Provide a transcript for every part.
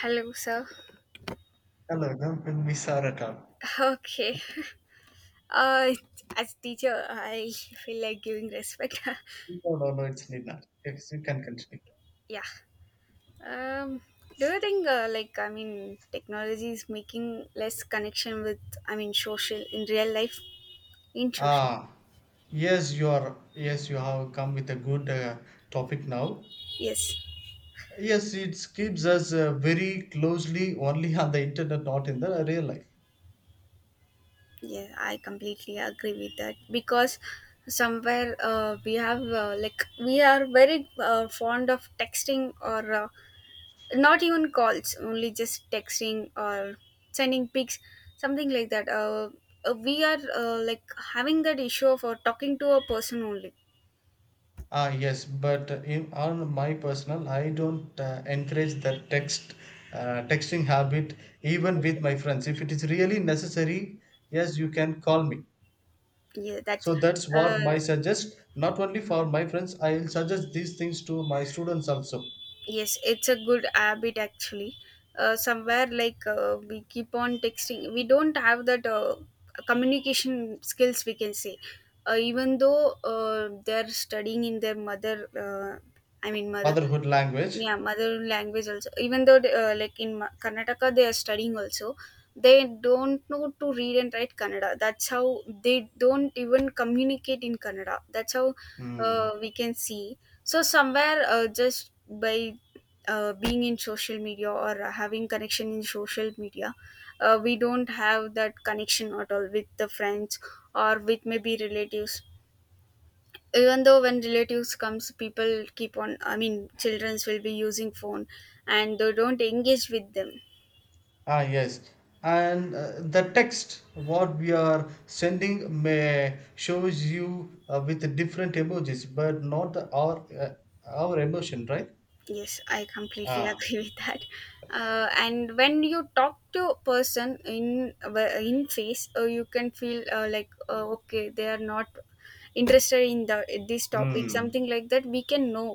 Hello, sir. Hello, no, we saw at all. Okay. Uh, as teacher, I feel like giving respect. No, no, no, it's Nina. Yes, you can continue. Yeah. Um, do you think, like, I mean, technology is making less connection with, I mean, social in real life? In social, Ah, yes, you are. Yes, you have come with a good topic now. yes. Yes, it keeps us very closely only on the internet, not in the real life. Yeah, I completely agree with that because somewhere we have like we are very fond of texting or not even calls, only just texting or sending pics, something like that, we are like having that issue of talking to a person only. Ah, yes, but in, on my personal, I don't encourage the text texting habit even with my friends. If it is really necessary, yes, you can call me. Yeah, that's So that's what uh, my suggest. Not only for my friends, I'll suggest these things to my students also. yes, it's a good habit actually. Somewhere like we keep on texting, we don't have that communication skills, we can say. Even though they're studying in their mother, mother— Motherhood language. yeah, mother language also. Even though they, like in Karnataka they are studying also, they don't know to read and write Kannada. That's how they don't even communicate in Kannada. That's how Mm. we can see. So somewhere, just by being in social media or having connection in social media, we don't have that connection at all with the friends, or with maybe relatives. Even though when relatives comes, people keep on, I mean, childrens will be using phone and they don't engage with them. Ah, yes. And the text what we are sending may shows you with different emojis, but not our our emotion, right? Yes, I completely Ah, agree with that. And when you talk to a person in face, you can feel, uh, okay, they are not interested in the this topic, Mm. something like that, we can know.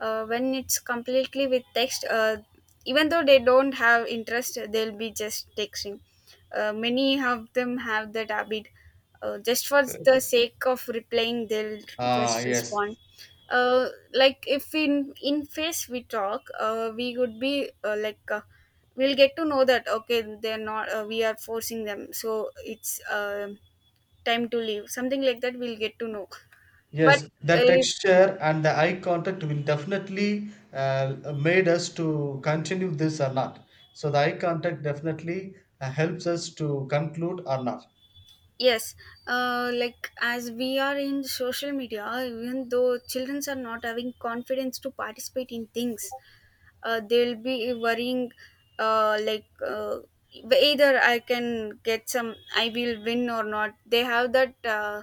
When it's completely with text, even though they don't have interest, they'll be just texting. Many of them have that habit, just for the sake of replying, they'll just yes. respond. uh, like if in face we talk, we would be, uh, we'll get to know that okay, they're not, we are forcing them, so it's, time to leave, something like that, we'll get to know. But Yes, the if— texture and the eye contact will definitely made us to continue this or not. So the eye contact definitely helps us to conclude or not. yes, like as we are in social media, even though children are not having confidence to participate in things, they'll be worrying, uh, like uh, either I can get some, I will win or not. They have that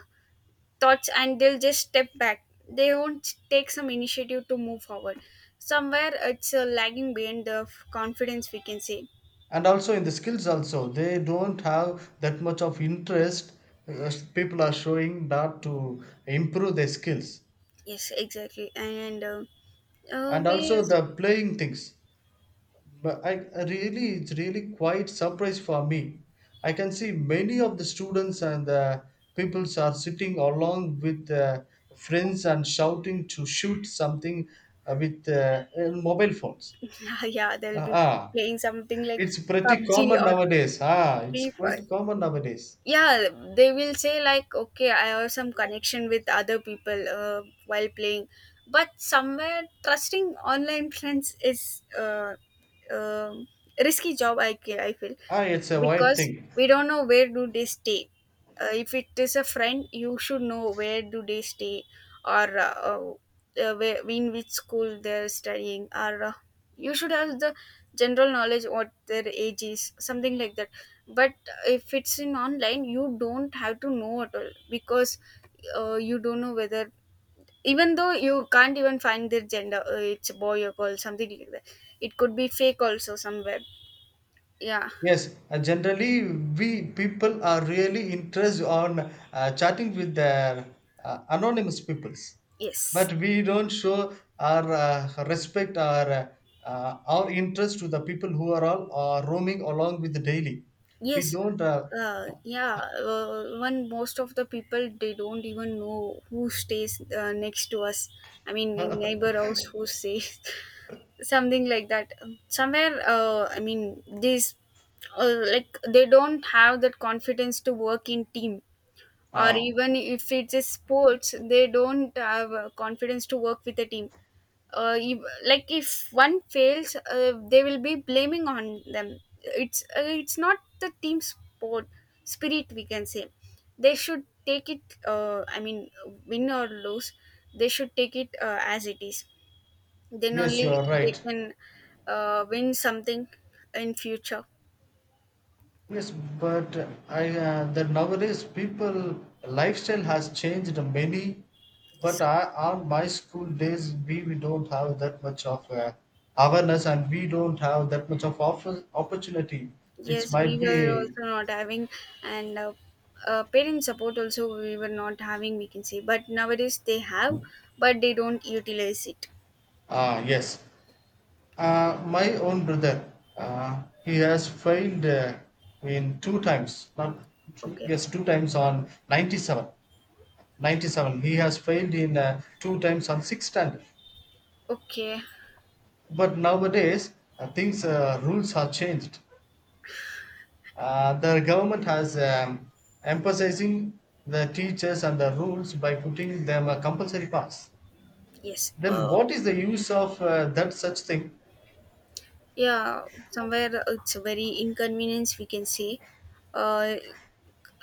thoughts and they'll just step back. They won't take some initiative to move forward. Somewhere it's lagging behind the confidence, we can say. And also in the skills also, they don't have that much of interest. People are showing not to improve their skills. Yes, exactly, and— And we— also the playing things. But I really, it's really quite surprise for me. I can see many of the students and the peoples are sitting along with friends and shouting to shoot something with mobile phones. yeah, they'll Ah, be ah, playing something like it's pretty PUBG common or nowadays. Ah, it's Free Fire. quite common nowadays. Yeah, they will say like, okay, I have some connection with other people while playing, but somewhere trusting online friends is, uh, um risky job. I feel, Ah, it's a wide because thing. we don't know where do they stay. If it is a friend, you should know where do they stay, or, where, in which school they're studying, or you should have the general knowledge what their age is, something like that. But if it's in online, you don't have to know at all, because you don't know whether— even though you can't even find their gender, it's a boy or girl, something like that, it could be fake also somewhere. Yeah. Yes, generally we people are really interested on chatting with their anonymous peoples, but Yes. we don't show our respect or our interest to the people who are all roaming along with the daily. We Yes, don't. Yeah. When most of the people, they don't even know who stays next to us. I mean, in neighbor house who stays, something like that. Somewhere, I mean, this— like they don't have that confidence to work in team, or Ah, even if it's a sports, they don't have confidence to work with a team. If, like if one fails, they will be blaming on them, it's not the team sport spirit, we can say. They should take it, uh, i mean win or lose, they should take it as it is, then yes, you only are they right. can win something in future. Yes, but I that nowadays people lifestyle has changed many. But I, on my school days, we don't have that much of awareness, and we don't have that much of offer, opportunity. Yes, It we might were be also not having. And parent support also we were not having, we can say, but nowadays they have, but they don't utilize it. Yes. My own brother, he has failed in two times, not two, Okay. yes, two times on 97. 97. He has failed in two times on six standard. Okay. But nowadays, things rules have changed. The government has emphasizing the teachers and the rules by putting them a compulsory pass. Yes. Then what is the use of that such thing? Yeah. Somewhere it's a very inconvenience, we can say. Uh,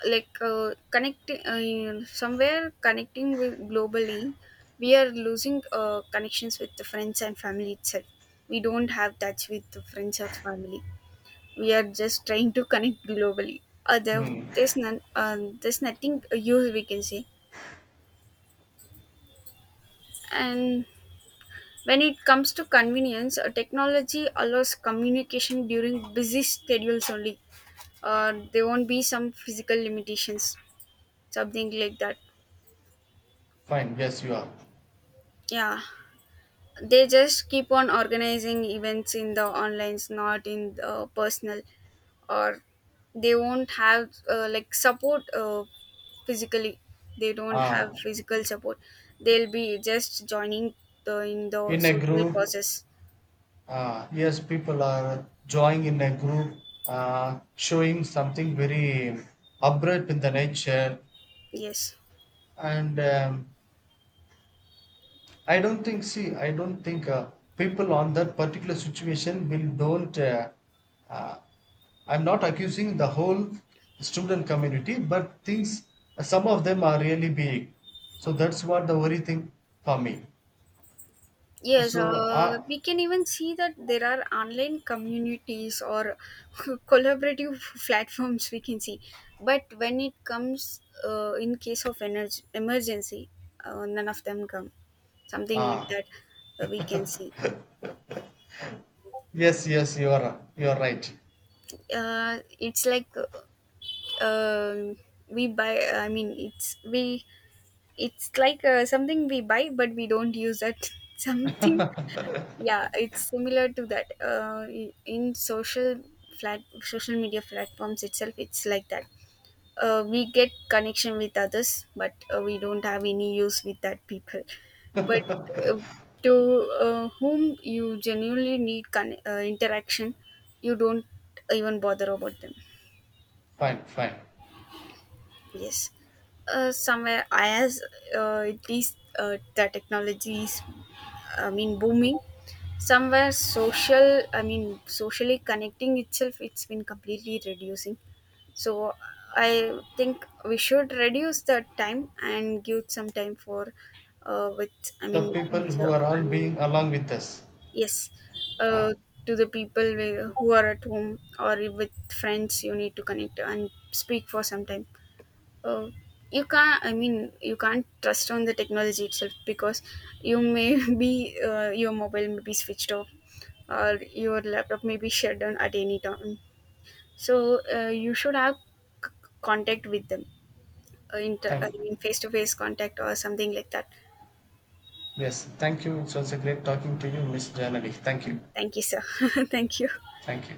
uh, connecting— somewhere connecting with globally, we are losing connections with the friends and family itself. We don't have touch with the friends or family. We are just trying to connect globally. Uh, Hmm. there's none. There's nothing use, we can say, and— when it comes to convenience, technology allows communication during busy schedules only. There won't be some physical limitations, something like that. Fine, yes, you are. Yeah, they just keep on organizing events in the online, not in the personal, or they won't have like support physically. They don't Uh, have physical support. They'll be just joining the in a social group, causes. Yes, people are joining in a group, showing something very abrupt in the nature, Yes. and I don't think. See, I don't think people on that particular situation will don't. Uh, I'm not accusing the whole student community, but things. Some of them are really big, so that's what the worry thing for me. Yes, So, we can even see that there are online communities or collaborative platforms, we can see. But when it comes, in case of emergency, none of them come. Something like uh, that, we can see. yes, yes, you are right. It's like, uh, um we buy, I mean, it's we— it's like, something we buy, but we don't use that. Something— yeah, it's similar to that. In social flat social media platforms itself, it's like that. We get connection with others, but we don't have any use with that people, but uh, to whom you genuinely need interaction, you don't even bother about them. Fine, fine. Yes, somewhere as, at least, the technology is, I mean, booming, somewhere social, I mean socially connecting itself, it's been completely reducing. So I think we should reduce the time and give some time for, with, I The mean, people who nature— are all I mean, being along with us. yes, Ah, uh, to the people who are at home or with friends, you need to connect and speak for some time. uh, you can't, I mean, you can't trust on the technology itself, because you may be, your mobile may be switched off, or your laptop may be shut down at any time. So you should have c- contact with them, thank I you. mean, face to face contact or something like that. Yes, thank you. It was a great talking to you, Miss Janali. Thank you. Thank you, sir. Thank you. Thank you.